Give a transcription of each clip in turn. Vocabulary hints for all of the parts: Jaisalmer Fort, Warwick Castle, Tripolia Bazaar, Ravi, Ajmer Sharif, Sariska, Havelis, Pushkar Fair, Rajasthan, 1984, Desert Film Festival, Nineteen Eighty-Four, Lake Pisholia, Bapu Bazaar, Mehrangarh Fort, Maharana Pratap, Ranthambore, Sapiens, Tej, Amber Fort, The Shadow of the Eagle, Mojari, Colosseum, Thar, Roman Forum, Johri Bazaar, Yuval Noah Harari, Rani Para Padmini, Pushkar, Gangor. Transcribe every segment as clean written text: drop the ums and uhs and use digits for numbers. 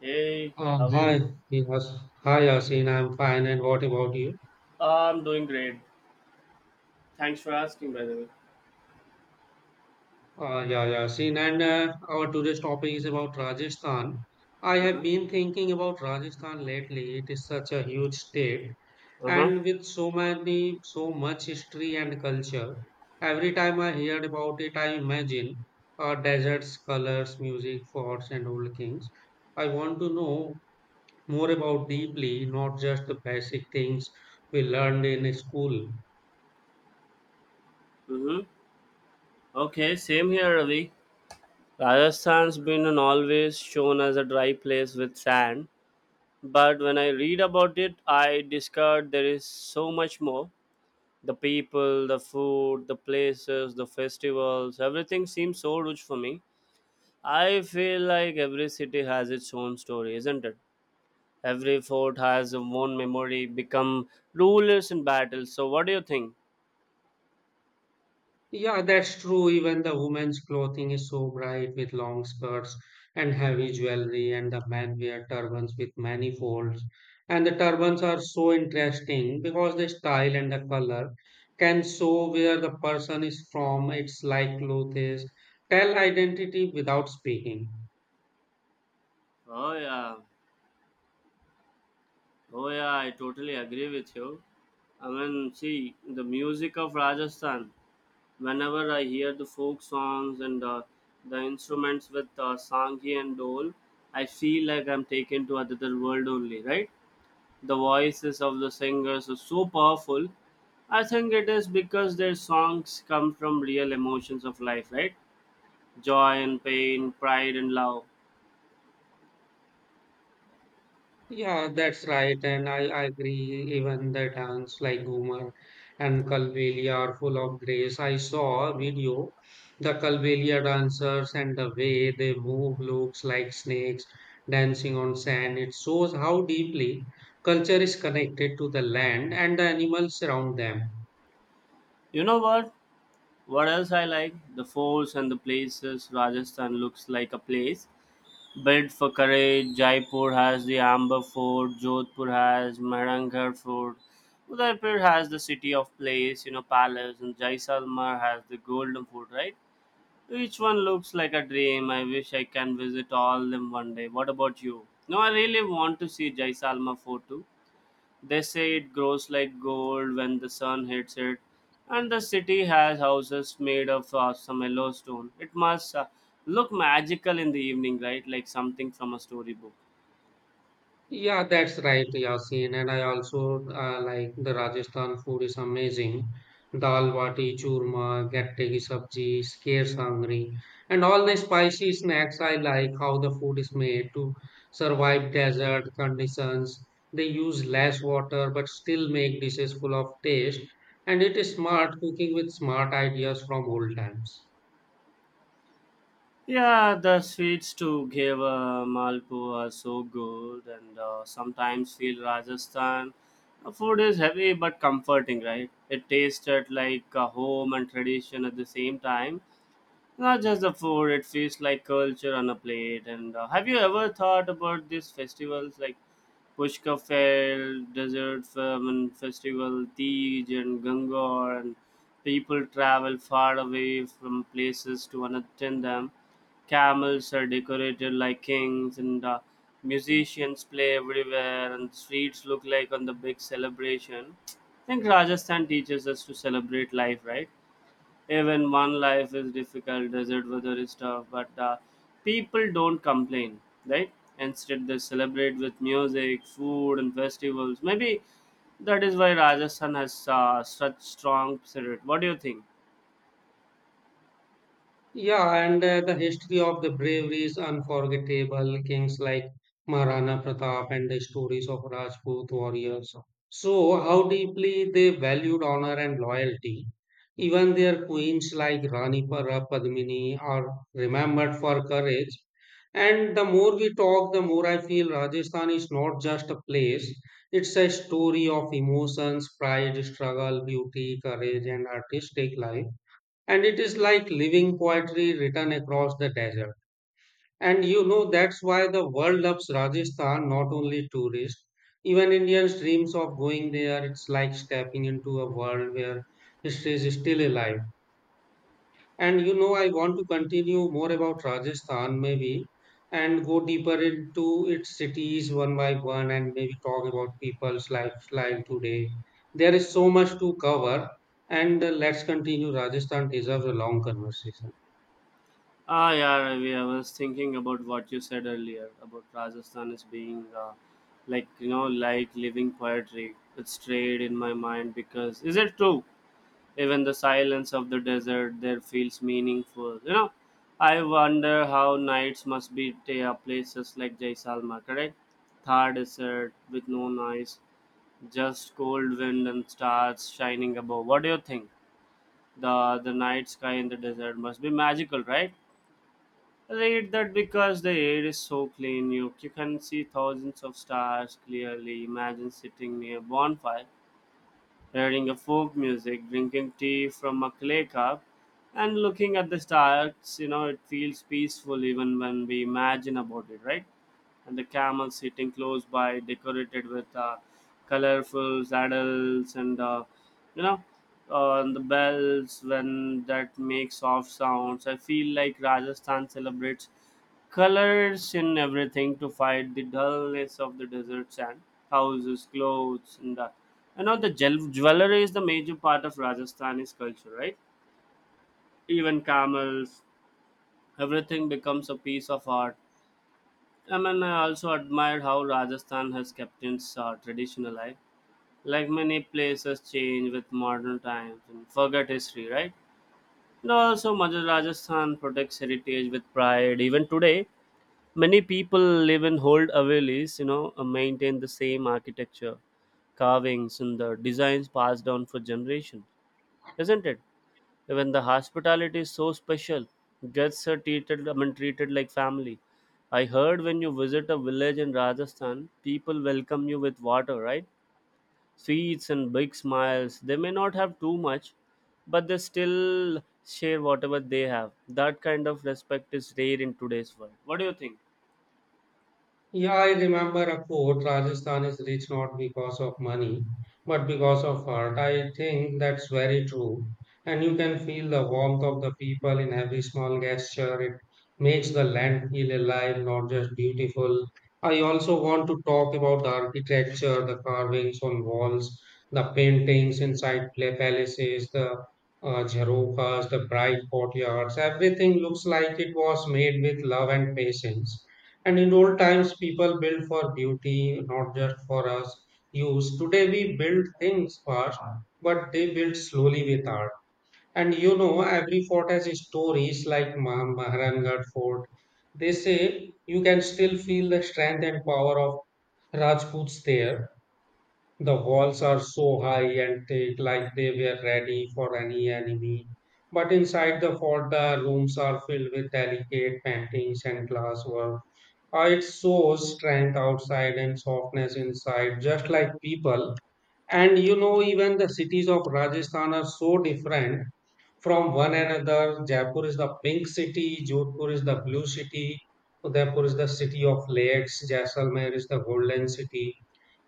Hey, Uh, how are hi, you? yes. Hi, Yasin. I'm fine. And what about you? I'm doing great. Thanks for asking, by the way. Yeah, Yasin. And our today's topic is about Rajasthan. I have Uh-huh. been thinking about Rajasthan lately. It is such a huge state, Uh-huh. and with so much history and culture. Every time I hear about it, I imagine deserts, colors, music, forts, and old kings. I want to know more about deeply, not just the basic things we learned in school. Mm-hmm. Okay, same here, Ravi. Rajasthan's been an always shown as a dry place with sand, but when I read about it, I discovered there is so much more. The people, the food, the places, the festivals, everything seems so rich for me. I feel like every city has its own story, isn't it? Every fort has one memory, become rulers in battle. So, what do you think? Yeah, that's true. Even the women's clothing is so bright with long skirts and heavy jewelry, and the men wear turbans with many folds. And the turbans are so interesting because the style and the color can show where the person is from. It's like clothes tell identity without speaking. Oh yeah, oh yeah, I totally agree with you. I mean, see, the music of Rajasthan, whenever I hear the folk songs and the instruments with Sanghi and Dole, I feel like I'm taken to another world only, right? The voices of the singers are so powerful. I think it is because their songs come from real emotions of life, right? Joy and pain, pride and love. Yeah, that's right, and I agree. Even the dance like Ghumar and Kalbelia are full of grace. I saw a video, the Kalbelia dancers and the way they move looks like snakes dancing on sand. It shows how deeply culture is connected to the land and the animals around them. You know what? What else I like? The forts and the places. Rajasthan looks like a place built for courage. Jaipur has the Amber Fort, Jodhpur has Mehrangarh Fort, Udaipur has the city of place, you know, palace, and Jaisalmer has the golden fort, right? Each one looks like a dream. I wish I can visit all them one day. What about you? No, I really want to see Jaisalmer Fort too. They say it grows like gold when the sun hits it, and the city has houses made of some yellow stone. It must look magical in the evening, right? Like something from a storybook. Yeah, that's right, Yasin. And I also like the Rajasthan food is amazing. Dal bati, churma, gatte ki sabji, kheer sangri, and all the spicy snacks. I like how the food is made to survive desert conditions. They use less water but still make dishes full of taste. And it is smart cooking with smart ideas from old times. Yeah, the sweets to give Malpo are so good, and sometimes feel Rajasthan. The food is heavy but comforting, right? It tasted like home and tradition at the same time. Not just the food, it feels like culture on a plate. And have you ever thought about these festivals like Pushka Fair, Desert Film and Festival, Tej and Gangor, and people travel far away from places to attend them. Camels are decorated like kings, and musicians play everywhere, and streets look like on the big celebration. I think Rajasthan teaches us to celebrate life, right? Even one life is difficult, desert weather is tough, but people don't complain, right? Instead, they celebrate with music, food, and festivals. Maybe that is why Rajasthan has such strong spirit. What do you think? Yeah, and The history of the bravery is unforgettable. Kings like Maharana Pratap and the stories of Rajput warriors show how deeply they valued honor and loyalty. Even their queens like Rani Para Padmini are remembered for courage. And the more we talk, the more I feel Rajasthan is not just a place, it's a story of emotions, pride, struggle, beauty, courage, and artistic life and it is like living poetry written across the desert. And you know that's why the world loves Rajasthan, not only tourists. Even Indians dreams of going there. It's like stepping into a world where history is still alive. And you know I want to continue more about Rajasthan maybe and go deeper into its cities one by one and maybe talk about people's lifestyle today. There is so much to cover and let's continue. Rajasthan deserves a long conversation. Ah, yeah, Ravi, I was thinking about what you said earlier about Rajasthan as being like, you know, like living poetry. It's strayed in my mind because, is it true? Even the silence of the desert there feels meaningful. You know, I wonder how nights must be to places like Jaisalmer, correct? Thar desert with no noise, just cold wind and stars shining above. What do you think? The night sky in the desert must be magical, right? Read that because the air is so clean, you can see thousands of stars clearly. Imagine sitting near bonfire hearing a folk music, drinking tea from a clay cup, and looking at the stars. You know, it feels peaceful even when we imagine about it, right? And the camel sitting close by, decorated with colorful saddles and you know, and the bells when that make soft sounds. I feel like Rajasthan celebrates colors in everything to fight the dullness of the desert sand, houses, clothes, and that. You know, the jewelry is the major part of Rajasthani's culture, right? Even camels, everything becomes a piece of art. I mean, I also admire how Rajasthan has kept its tradition alive. Like many places change with modern times and forget history, right? And also Madhya Rajasthan protects heritage with pride even today. Many people live in old Havelis, you know, maintain the same architecture, carvings, and the designs passed down for generations, isn't it? Even the hospitality is so special, guests are treated, I mean, treated like family. I heard when you visit a village in Rajasthan, people welcome you with water, right? Sweets and big smiles. They may not have too much, but they still share whatever they have. That kind of respect is rare in today's world. What do you think? Yeah, I remember a quote: Rajasthan is rich not because of money, but because of heart. I think that's very true. And you can feel the warmth of the people in every small gesture. It makes the land feel alive, not just beautiful. I also want to talk about the architecture, the carvings on walls, the paintings inside palaces, the jharokas, the bright courtyards. Everything looks like it was made with love and patience. And in old times, people built for beauty, not just for us use. Today, we build things fast, but they build slowly with art. And you know, every fort has stories like Maharangarh Fort. They say you can still feel the strength and power of Rajputs there. The walls are so high and thick, like they were ready for any enemy. But inside the fort, the rooms are filled with delicate paintings and glasswork. It shows strength outside and softness inside, just like people. And you know, even the cities of Rajasthan are so different from one another. Jaipur is the pink city, Jodhpur is the blue city, Udaipur is the city of lakes, Jaisalmer is the golden city.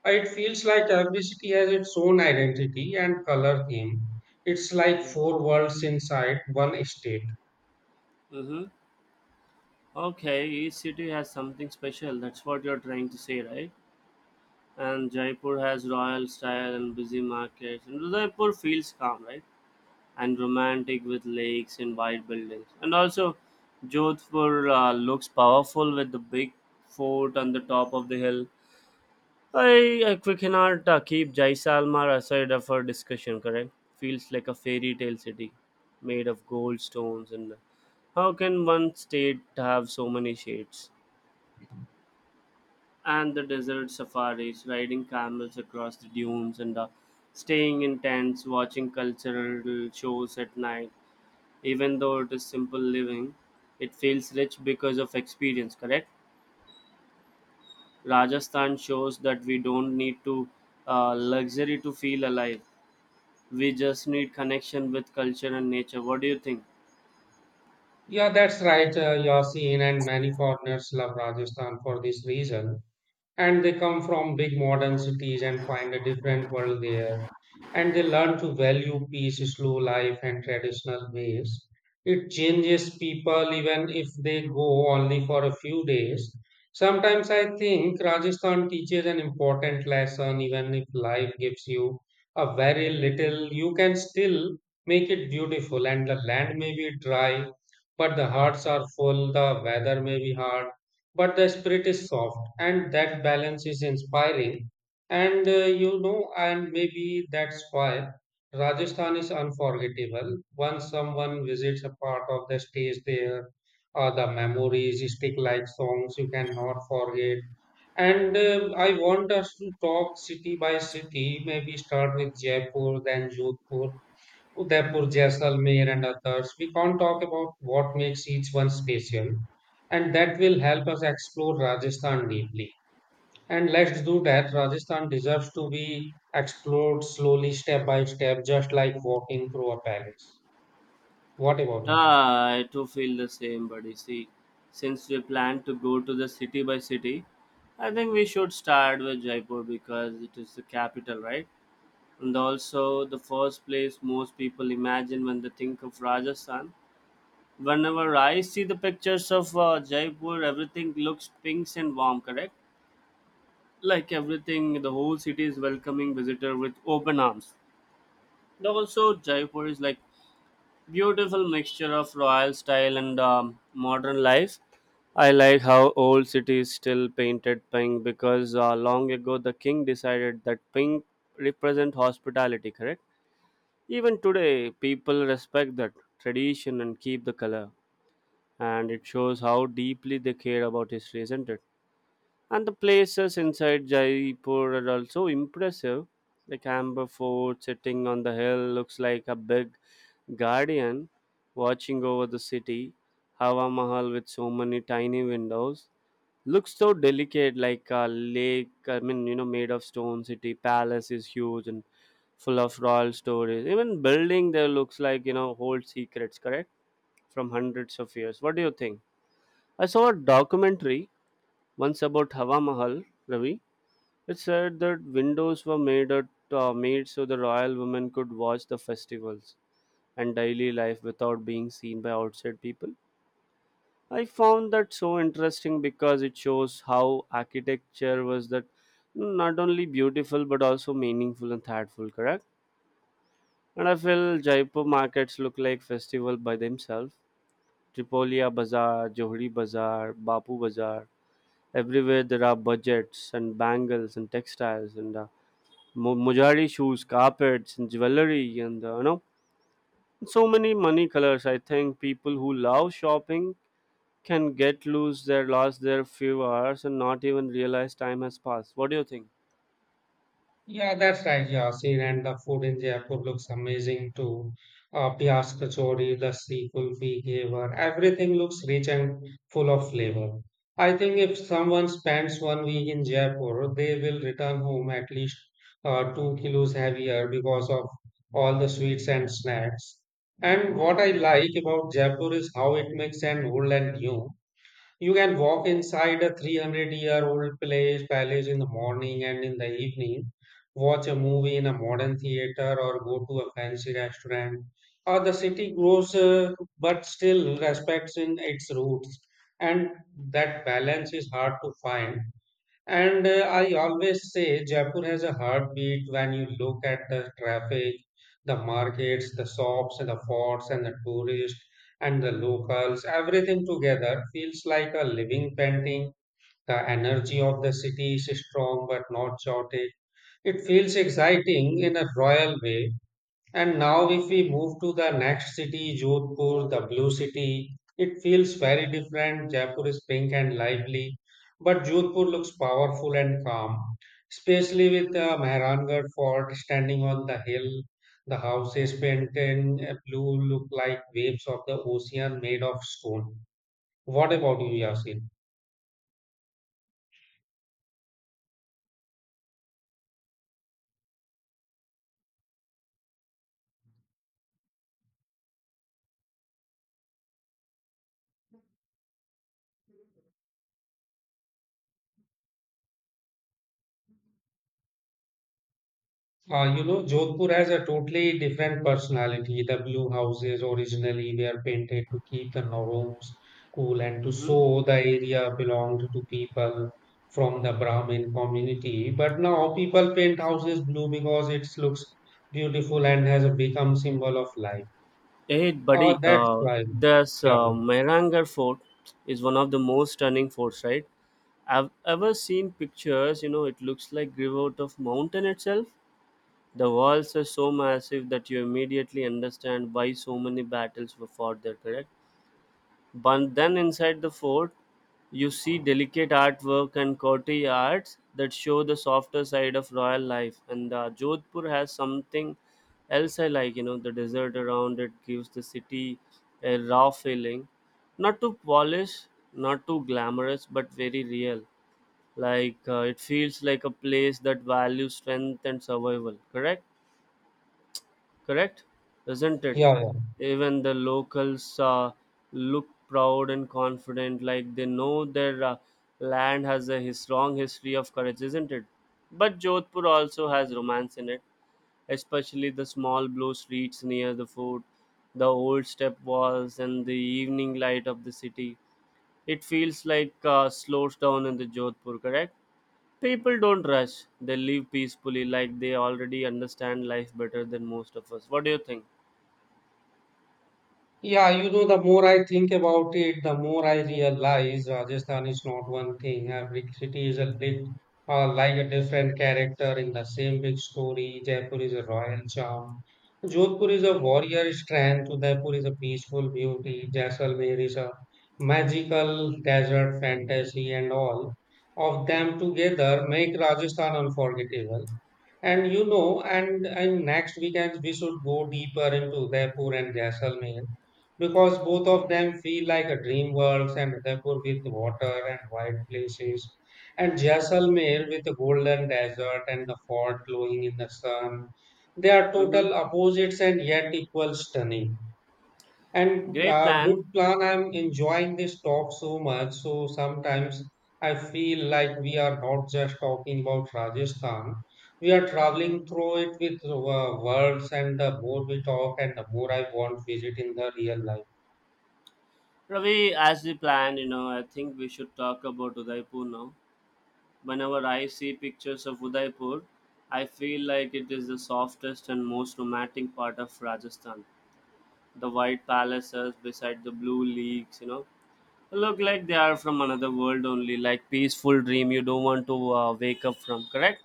It feels like every city has its own identity and color theme. It's like four worlds inside one state. Mm-hmm. Okay, each city has something special. That's what you're trying to say, right? And Jaipur has royal style and busy markets. And Udaipur feels calm, right? And romantic with lakes and white buildings. And also, Jodhpur looks powerful with the big fort on the top of the hill. I we cannot keep Jaisalmer aside of our discussion, correct? Feels like a fairy tale city made of gold stones. And how can one state have so many shades? And the desert safaris, riding camels across the dunes, and staying in tents, watching cultural shows at night. Even though it is simple living, it feels rich because of experience, correct? Rajasthan shows that we don't need to luxury to feel alive. We just need connection with culture and nature. What do you think? Yeah, that's right, Yasin, and many foreigners love Rajasthan for this reason. And they come from big modern cities and find a different world there, and they learn to value peace, slow life, and traditional ways. It changes people even if they go only for a few days. Sometimes I think Rajasthan teaches an important lesson: even if life gives you a very little, you can still make it beautiful. And the land may be dry, but the hearts are full. The weather may be hard, but the spirit is soft, and that balance is inspiring. And uh, you know and maybe that's why Rajasthan is unforgettable. Once someone visits a part of the stage there, the memories stick like songs you cannot forget. And I want us to talk city by city, maybe start with Jaipur, then Jodhpur, Udaipur, Jaisalmer, and others. We can't talk about what makes each one special, and that will help us explore Rajasthan deeply. And let's do that. Rajasthan deserves to be explored slowly, step by step, just like walking through a palace. What about you? Ah, I too feel the same, buddy. See, since we plan to go to the city by city, I think we should start with Jaipur because it is the capital, right? And also the first place most people imagine when they think of Rajasthan. Whenever I see the pictures of Jaipur, everything looks pink and warm, correct? Like everything, the whole city is welcoming visitor with open arms. And also, Jaipur is like beautiful mixture of royal style and modern life. I like how old cities still painted pink because long ago the king decided that pink represent hospitality, correct? Even today, people respect that tradition and keep the color, and it shows how deeply they care about history, isn't it? And the places inside Jaipur are also impressive. Like Amber Fort sitting on the hill looks like a big guardian watching over the city. Hawa Mahal with so many tiny windows looks so delicate, like a lake. I mean, you know, made of stone. City palace is huge and full of royal stories. Even building there looks like you know old secrets, correct? From hundreds of years. What do you think? I saw a documentary once about Hawa Mahal, Ravi, it said that windows were made made so the royal women could watch the festivals and daily life without being seen by outside people. I found that so interesting because it shows how architecture was that not only beautiful but also meaningful and thoughtful, correct? And I feel Jaipur markets look like festival by themselves. Tripolia Bazaar, Johri Bazaar, Bapu Bazaar. Everywhere there are budgets and bangles and textiles and Mojari shoes, carpets, and jewelry, and so many money colors. I think people who love shopping can get lose their lost their few hours and not even realize time has passed. What do you think? Yeah, that's right, Yasin. And the food in Jaipur looks amazing too. Pyas kachori, lassi, kulfi, ghewar, everything looks rich and full of flavor. I think if someone spends one week in Jaipur, they will return home at least 2 kilos heavier because of all the sweets and snacks. And what I like about Jaipur is how it makes an old and new. You can walk inside a 300-year-old place, palace in the morning, and in the evening, watch a movie in a modern theater, or go to a fancy restaurant. Or the city grows but still respects in its roots, and that balance is hard to find. And I always say Jaipur has a heartbeat. When you look at the traffic, the markets, the shops, and the forts, and the tourists, and the locals, everything together feels like a living painting. The energy of the city is strong but not chaotic. It feels exciting in a royal way. And now, if we move to the next city, Jodhpur, the blue city, it feels very different. Jaipur is pink and lively, but Jodhpur looks powerful and calm, especially with the Mehrangarh fort standing on the hill. The houses painted in blue look like waves of the ocean made of stone. What about you, Yasin? You know, Jodhpur has a totally different personality. The blue houses originally were painted to keep the rooms cool and to Mhm. show the area belonged to people from the Brahmin community. But now people paint houses blue because it looks beautiful and has become symbol of life. Hey, buddy, That's why. this Yeah, Mehrangarh fort is one of the most stunning forts, right? I've ever seen pictures, you know, it looks like grew out of mountain itself. The walls are so massive that you immediately understand why so many battles were fought there, correct? But then inside the fort, you see delicate artwork and courtyards that show the softer side of royal life. And Jodhpur has something else I like, you know, the desert around it gives the city a raw feeling. Not too polished, not too glamorous, but very real. Like it feels like a place that values strength and survival, correct? Correct? Isn't it? yeah, yeah. Even the locals look proud and confident, like they know their land has a his strong history of courage, isn't it? But Jodhpur also has romance in it, especially the small blue streets near the fort, the old step walls, and the evening light of the city. It feels like slows down in the Jodhpur, correct? People don't rush. They live peacefully, like they already understand life better than most of us. What do you think? Yeah, you know, the more I think about it, the more I realize Rajasthan is not one thing. Every city is a bit, like a different character in the same big story. Jaipur is a royal charm. Jodhpur is a warrior strength. Udaipur is a peaceful beauty. Jaisalmer is a magical desert fantasy, and all of them together make Rajasthan unforgettable. And you know, and next weekend we should go deeper into Udaipur and Jaisalmer, because both of them feel like a dream worlds, and Udaipur with water and wide places, and Jaisalmer with a golden desert and the fort glowing in the sun. They are Mm-hmm. total opposites and yet equal stunning. And Great plan. Good plan, I'm enjoying this talk so much. So sometimes I feel like we are not just talking about Rajasthan. We are traveling through it with words, and the more we talk, and the more I want visit in the real life. Ravi, as we planned, you know, I think we should talk about Udaipur now. Whenever I see pictures of Udaipur, I feel like it is the softest and most romantic part of Rajasthan. The white palaces beside the blue lakes, you know, look like they are from another world only, like peaceful dream you don't want to wake up from, correct?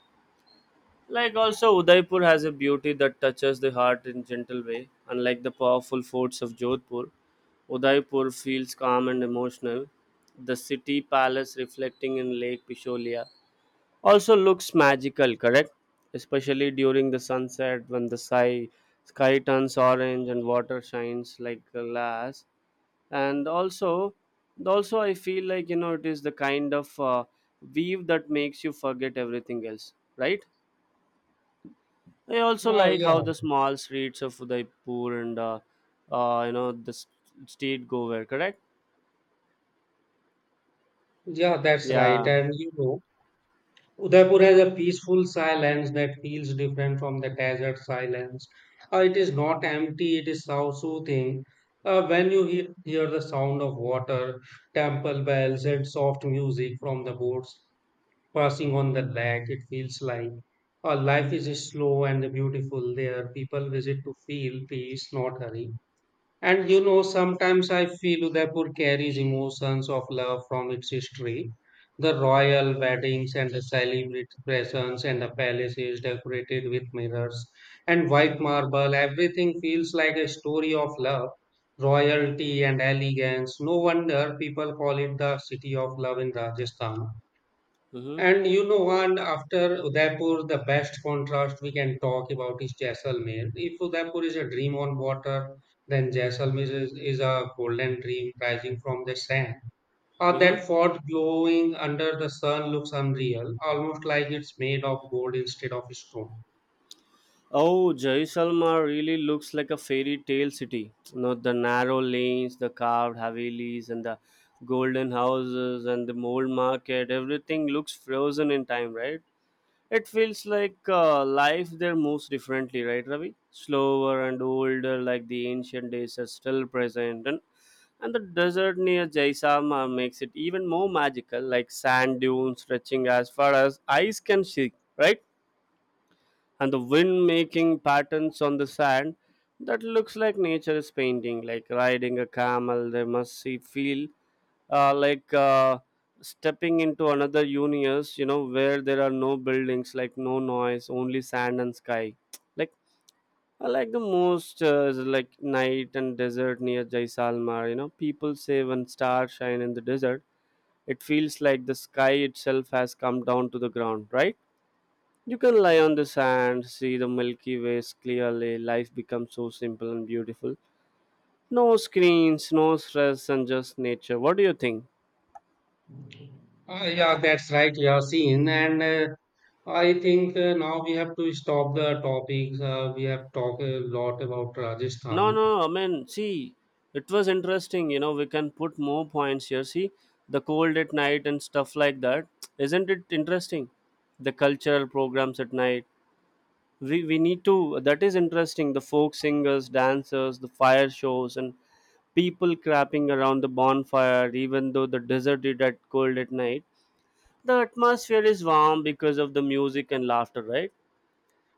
Like also Udaipur has a beauty that touches the heart in gentle way. Unlike the powerful forts of Jodhpur, Udaipur feels calm and emotional. The city palace reflecting in Lake Pisholia also looks magical, correct? Especially during the sunset when the sky turns orange and water shines like glass. And also, I feel like you know it is the kind of weave that makes you forget everything else, right? I also Oh, like yeah, how the small streets of Udaipur and uh, you know the s- street go where, correct? yeah, that's right. Yeah. And you know, Udaipur has a peaceful silence that feels different from the desert silence. It is not empty, it is so soothing. When you he hear the sound of water, temple bells, and soft music from the boats passing on the lake, it feels like life is slow and beautiful there. People visit to feel peace, not hurry. And you know, sometimes I feel Udaipur carries emotions of love from its history. The royal weddings and the celebrations and the palaces decorated with mirrors and white marble, everything feels like a story of love, royalty, and elegance. No wonder people call it the city of love in Rajasthan. Mm-hmm. And you know, one after Udaipur, the best contrast we can talk about is Jaisalmer. If Udaipur is a dream on water, then Jaisalmer is a golden dream rising from the sand. That Mm-hmm. fort glowing under the sun looks unreal, almost like it's made of gold instead of stone. Oh, Jaisalmer really looks like a fairy tale city. You know the narrow lanes, the carved havelis, and the golden houses and the mole market. Everything looks frozen in time, right? It feels like life there moves differently, right, Ravi? Slower and older, like the ancient days are still present, and the desert near Jaisama makes it even more magical, like sand dunes stretching as far as eyes can see, right? And the wind making patterns on the sand that looks like nature is painting, like riding a camel. They must see, feel uh, like uh, stepping into another universe, where there are no buildings, like no noise, only sand and sky. Like I like the most is like night and desert near Jaisalmer. You know, people say when stars shine in the desert, it feels like the sky itself has come down to the ground, right? You can lie on the sand, see the Milky Way clearly. Life becomes so simple and beautiful. No screens, no stress, and just nature. What do you think? Yeah, that's right, Yasin. And I think now we have to stop the topics. We have talked a lot about No, Rajasthan. no, I mean, see, it was interesting. You know, we can put more points here. See, the cold at night and stuff like that. Isn't it interesting? The cultural programs at night. We need to, that is interesting. The folk singers, dancers, the fire shows, and people crapping around the bonfire, even though the desert is at cold at night. The atmosphere is warm because of the music and laughter, right?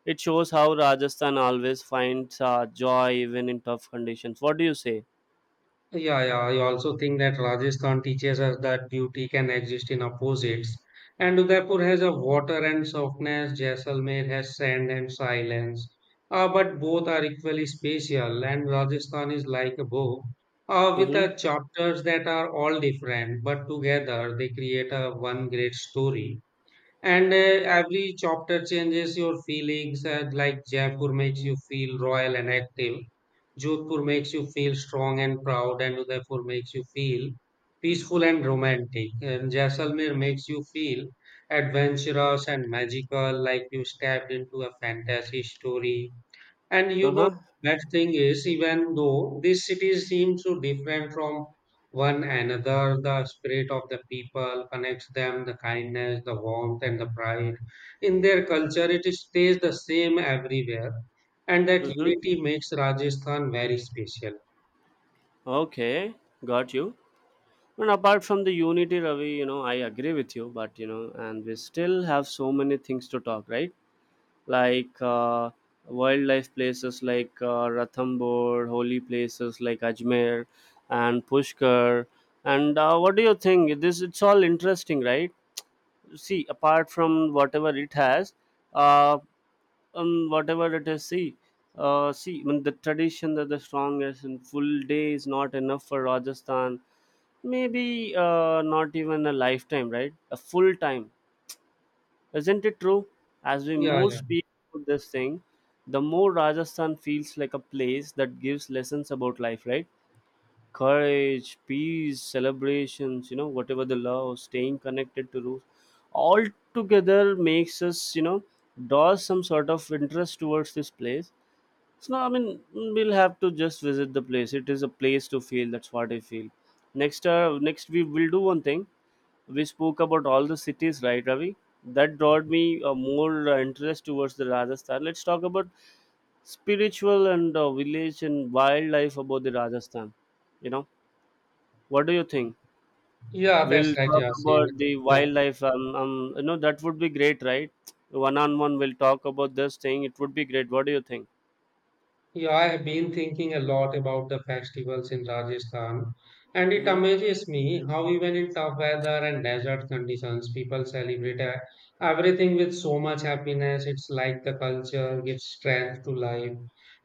It shows how Rajasthan always finds joy even in tough conditions. What do you say? Yeah, yeah. I also think that Rajasthan teaches us that beauty can exist in opposites. And Udaipur has a water and softness, Jaisalmer has sand and silence. But both are equally spatial, and Rajasthan is like a book uh, with Mm-hmm. uh, chapters that are all different, but together they create a one great story. And Every chapter changes your feelings, like Jaipur makes you feel royal and active, Jodhpur makes you feel strong and proud, and Udaipur makes you feel peaceful and romantic, and Jaisalmer makes you feel adventurous and magical, like you stepped into a fantasy story. And you know, Uh-huh. bad thing is, even though these cities seem so different from one another, the spirit of the people connects them, the kindness, the warmth, and the pride in their culture. It stays the same everywhere, and that Mm-hmm. unity makes Rajasthan very special. Okay. Got you. And apart from the unity, Ravi, you know, I agree with you, but you know, and we still have so many things to talk, right? Like wildlife places like Ranthambore, holy places like Ajmer and Pushkar. And what do you think? This it's all interesting, right? See, apart from whatever it has, uh, whatever it is, see, see, when the tradition that the strongest and full day is not enough for Rajasthan. Maybe not even a lifetime, right? A full time, isn't it true? As we Yeah, more yeah, speak about this thing, the more Rajasthan feels like a place that gives lessons about life, right? Courage, peace, celebrations, you know, whatever the love, staying connected to roots, all together makes us, you know, draws some sort of interest towards this place. So I mean, we'll have to just visit the place. It is a place to feel. That's what I feel. Next, next we will do one thing. We spoke about all the cities, right, Ravi? That brought me more interest towards the Rajasthan. Let's talk about spiritual and village and wildlife about the Rajasthan. You know, what do you think? yeah. That's We'll right, talk Yasin. about the Yeah. wildlife. You know, that would be great, right? One on one, we'll talk about this thing. It would be great. What do you think? Yeah, I have been thinking a lot about the festivals in Rajasthan, and it Mm-hmm. amazes me how even in tough weather and desert conditions, people celebrate everything with so much happiness. It's like the culture gives strength to life.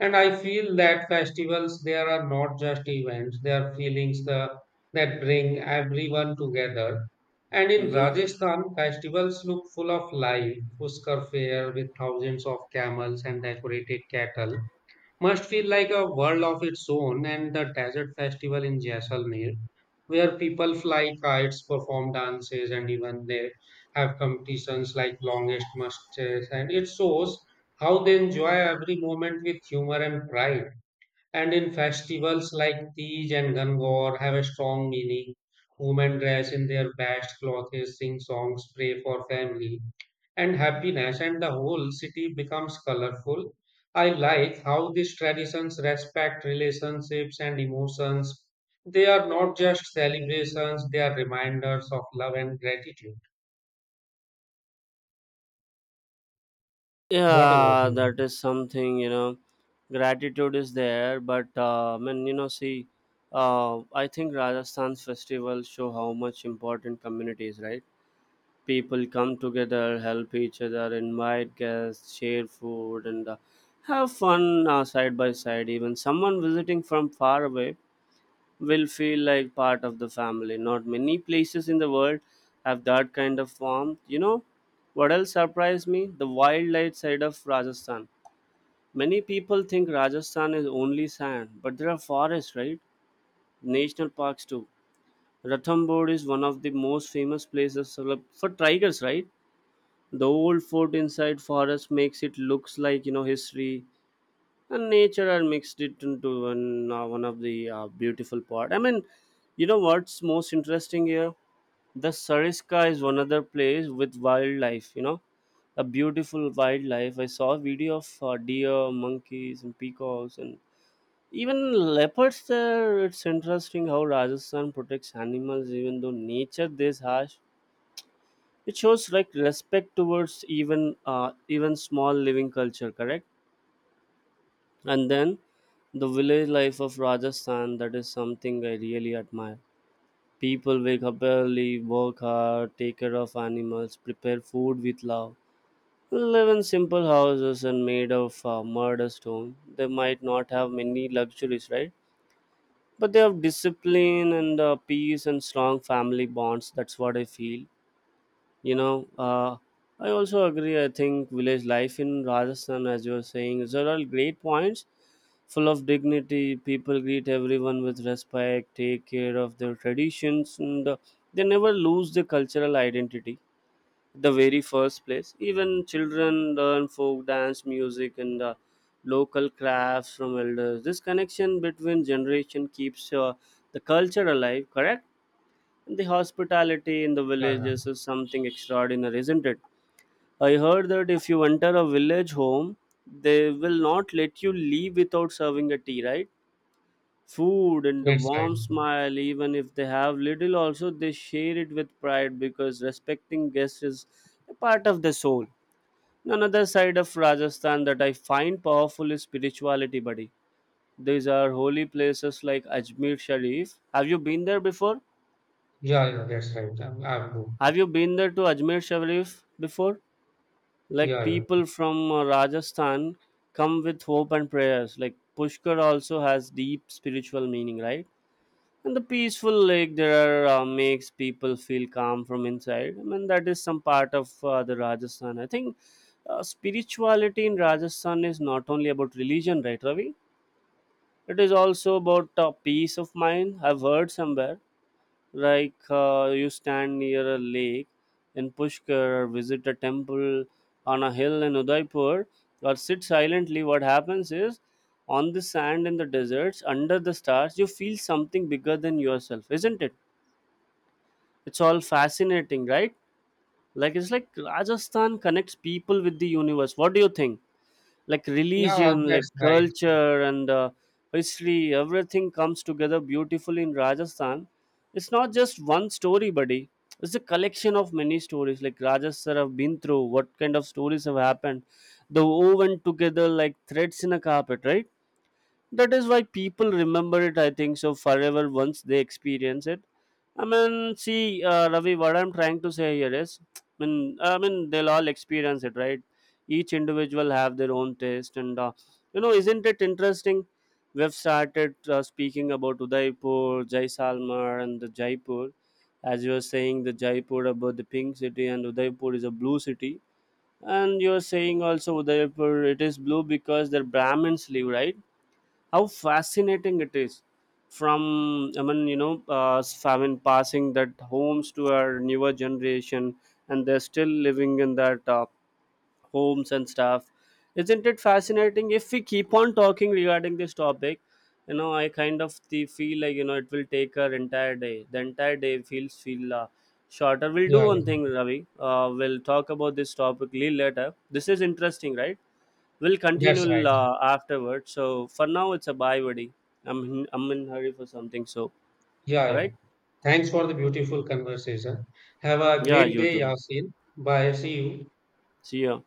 And I feel that festivals there are not just events, they are feelings that bring everyone together. And in Rajasthan, festivals look full of life. Pushkar fair with thousands of camels and decorated cattle must feel like a world of its own, and the desert festival in Jaisalmer where people fly kites, perform dances, and even they have competitions like longest muskets. And it shows how they enjoy every moment with humor and pride. And in festivals like Tej and Gangor have a strong meaning. Women dress in their best clothes, sing songs, pray for family and happiness, and the whole city becomes colorful. I like how these traditions respect relationships and emotions. They are not just celebrations, they are reminders of love and gratitude. What about Yeah, you? that is something, you know, gratitude is there, but I mean, you know, see, I think Rajasthan's festivals show how much important community is, right? People come together, help each other, invite guests, share food, and have fun side by side. Even someone visiting from far away will feel like part of the family. Not many places in the world have that kind of warmth, you know. What else surprised me, the wildlife side of Rajasthan. Many people think Rajasthan is only sand, but there are forests, right? National parks too. Ranthambore is one of the most famous places for tigers, right? The old fort inside forest makes it looks like, you know, history and nature are mixed it into one, one of the beautiful part. I mean, you know what's most interesting here? The Sariska is one other place with wildlife. You know, a beautiful wildlife. I saw a video of deer, monkeys, and peacocks and even leopards there. It's interesting how Rajasthan protects animals even though nature this harsh. It shows like respect towards even even small living culture, correct? And then the village life of Rajasthan, that is something I really admire. People wake up early, work hard, take care of animals, prepare food with love. Live in simple houses and made of mud or stone. They might not have many luxuries, right? But they have discipline and peace and strong family bonds. That's what I feel, you know. I also agree, I think village life in Rajasthan, as you were saying, is are all great points, full of dignity. People greet everyone with respect, take care of their traditions, and they never lose their cultural identity the very first place. Even children learn folk dance, music, and local crafts from elders. This connection between generation keeps the culture alive. Correct? And the hospitality in the Yeah, villages yeah, is something extraordinary, isn't it? I heard that if you enter a village home, they will not let you leave without serving a tea, right? Food and a that's right. warm smile, even if they have little, also they share it with pride because respecting guests is a part of the soul. Another side of Rajasthan that I find powerful is spirituality, buddy. These are holy places like Ajmer Sharif. Have you been there before? Yeah, yeah, that's right. I'm good. Have you been there to Ajmer Sharif before? Like Yeah, yeah. people from Rajasthan come with hope and prayers. Like Pushkar also has deep spiritual meaning, right? And the peaceful lake there are, makes people feel calm from inside. I mean, that is some part of the Rajasthan. I think spirituality in Rajasthan is not only about religion, right, Ravi? It is also about peace of mind. I've heard somewhere like you stand near a lake in Pushkar or visit a temple on a hill in Udaipur or sit silently. What happens is on the sand in the deserts under the stars, you feel something bigger than yourself, isn't it? It's all fascinating, right? Like it's like Rajasthan connects people with the universe. What do you think? Like Yeah, religion, like that's right. culture, and history, everything comes together beautifully in Rajasthan. It's not just one story, buddy. It's a collection of many stories. Like Rajasthan have been through, what kind of stories have happened, the woven together like threads in a carpet, right? That is why people remember it, I think so, forever, once they experience it. I mean, see, Ravi, what I'm trying to say here is, I mean they'll all experience it, right? Each individual have their own taste and, you know, isn't it interesting? We've started speaking about Udaipur, Jaisalmer, and the Jaipur. As you were saying, the Jaipur about the pink city and Udaipur is a blue city, and you're saying also Udaipur it is blue because their brahmins live, right? How fascinating it is. From, I mean, you know, I mean, passing that homes to our newer generation, and they're still living in that homes and stuff. Isn't it fascinating? If we keep on talking regarding this topic, you know, I kind of the feel like, you know, it will take our entire day. The entire day feel shorter. We'll do Yeah, yeah, one thing, Ravi. We'll talk about this topic little later. This is interesting, right? We'll continue that's right. Afterwards. So for now, it's a bye, buddy. I'm in hurry for something. So Yeah, all yeah. right. Thanks for the beautiful conversation. Have a Yeah, great you day, too. Yasin. Bye. See you. See ya.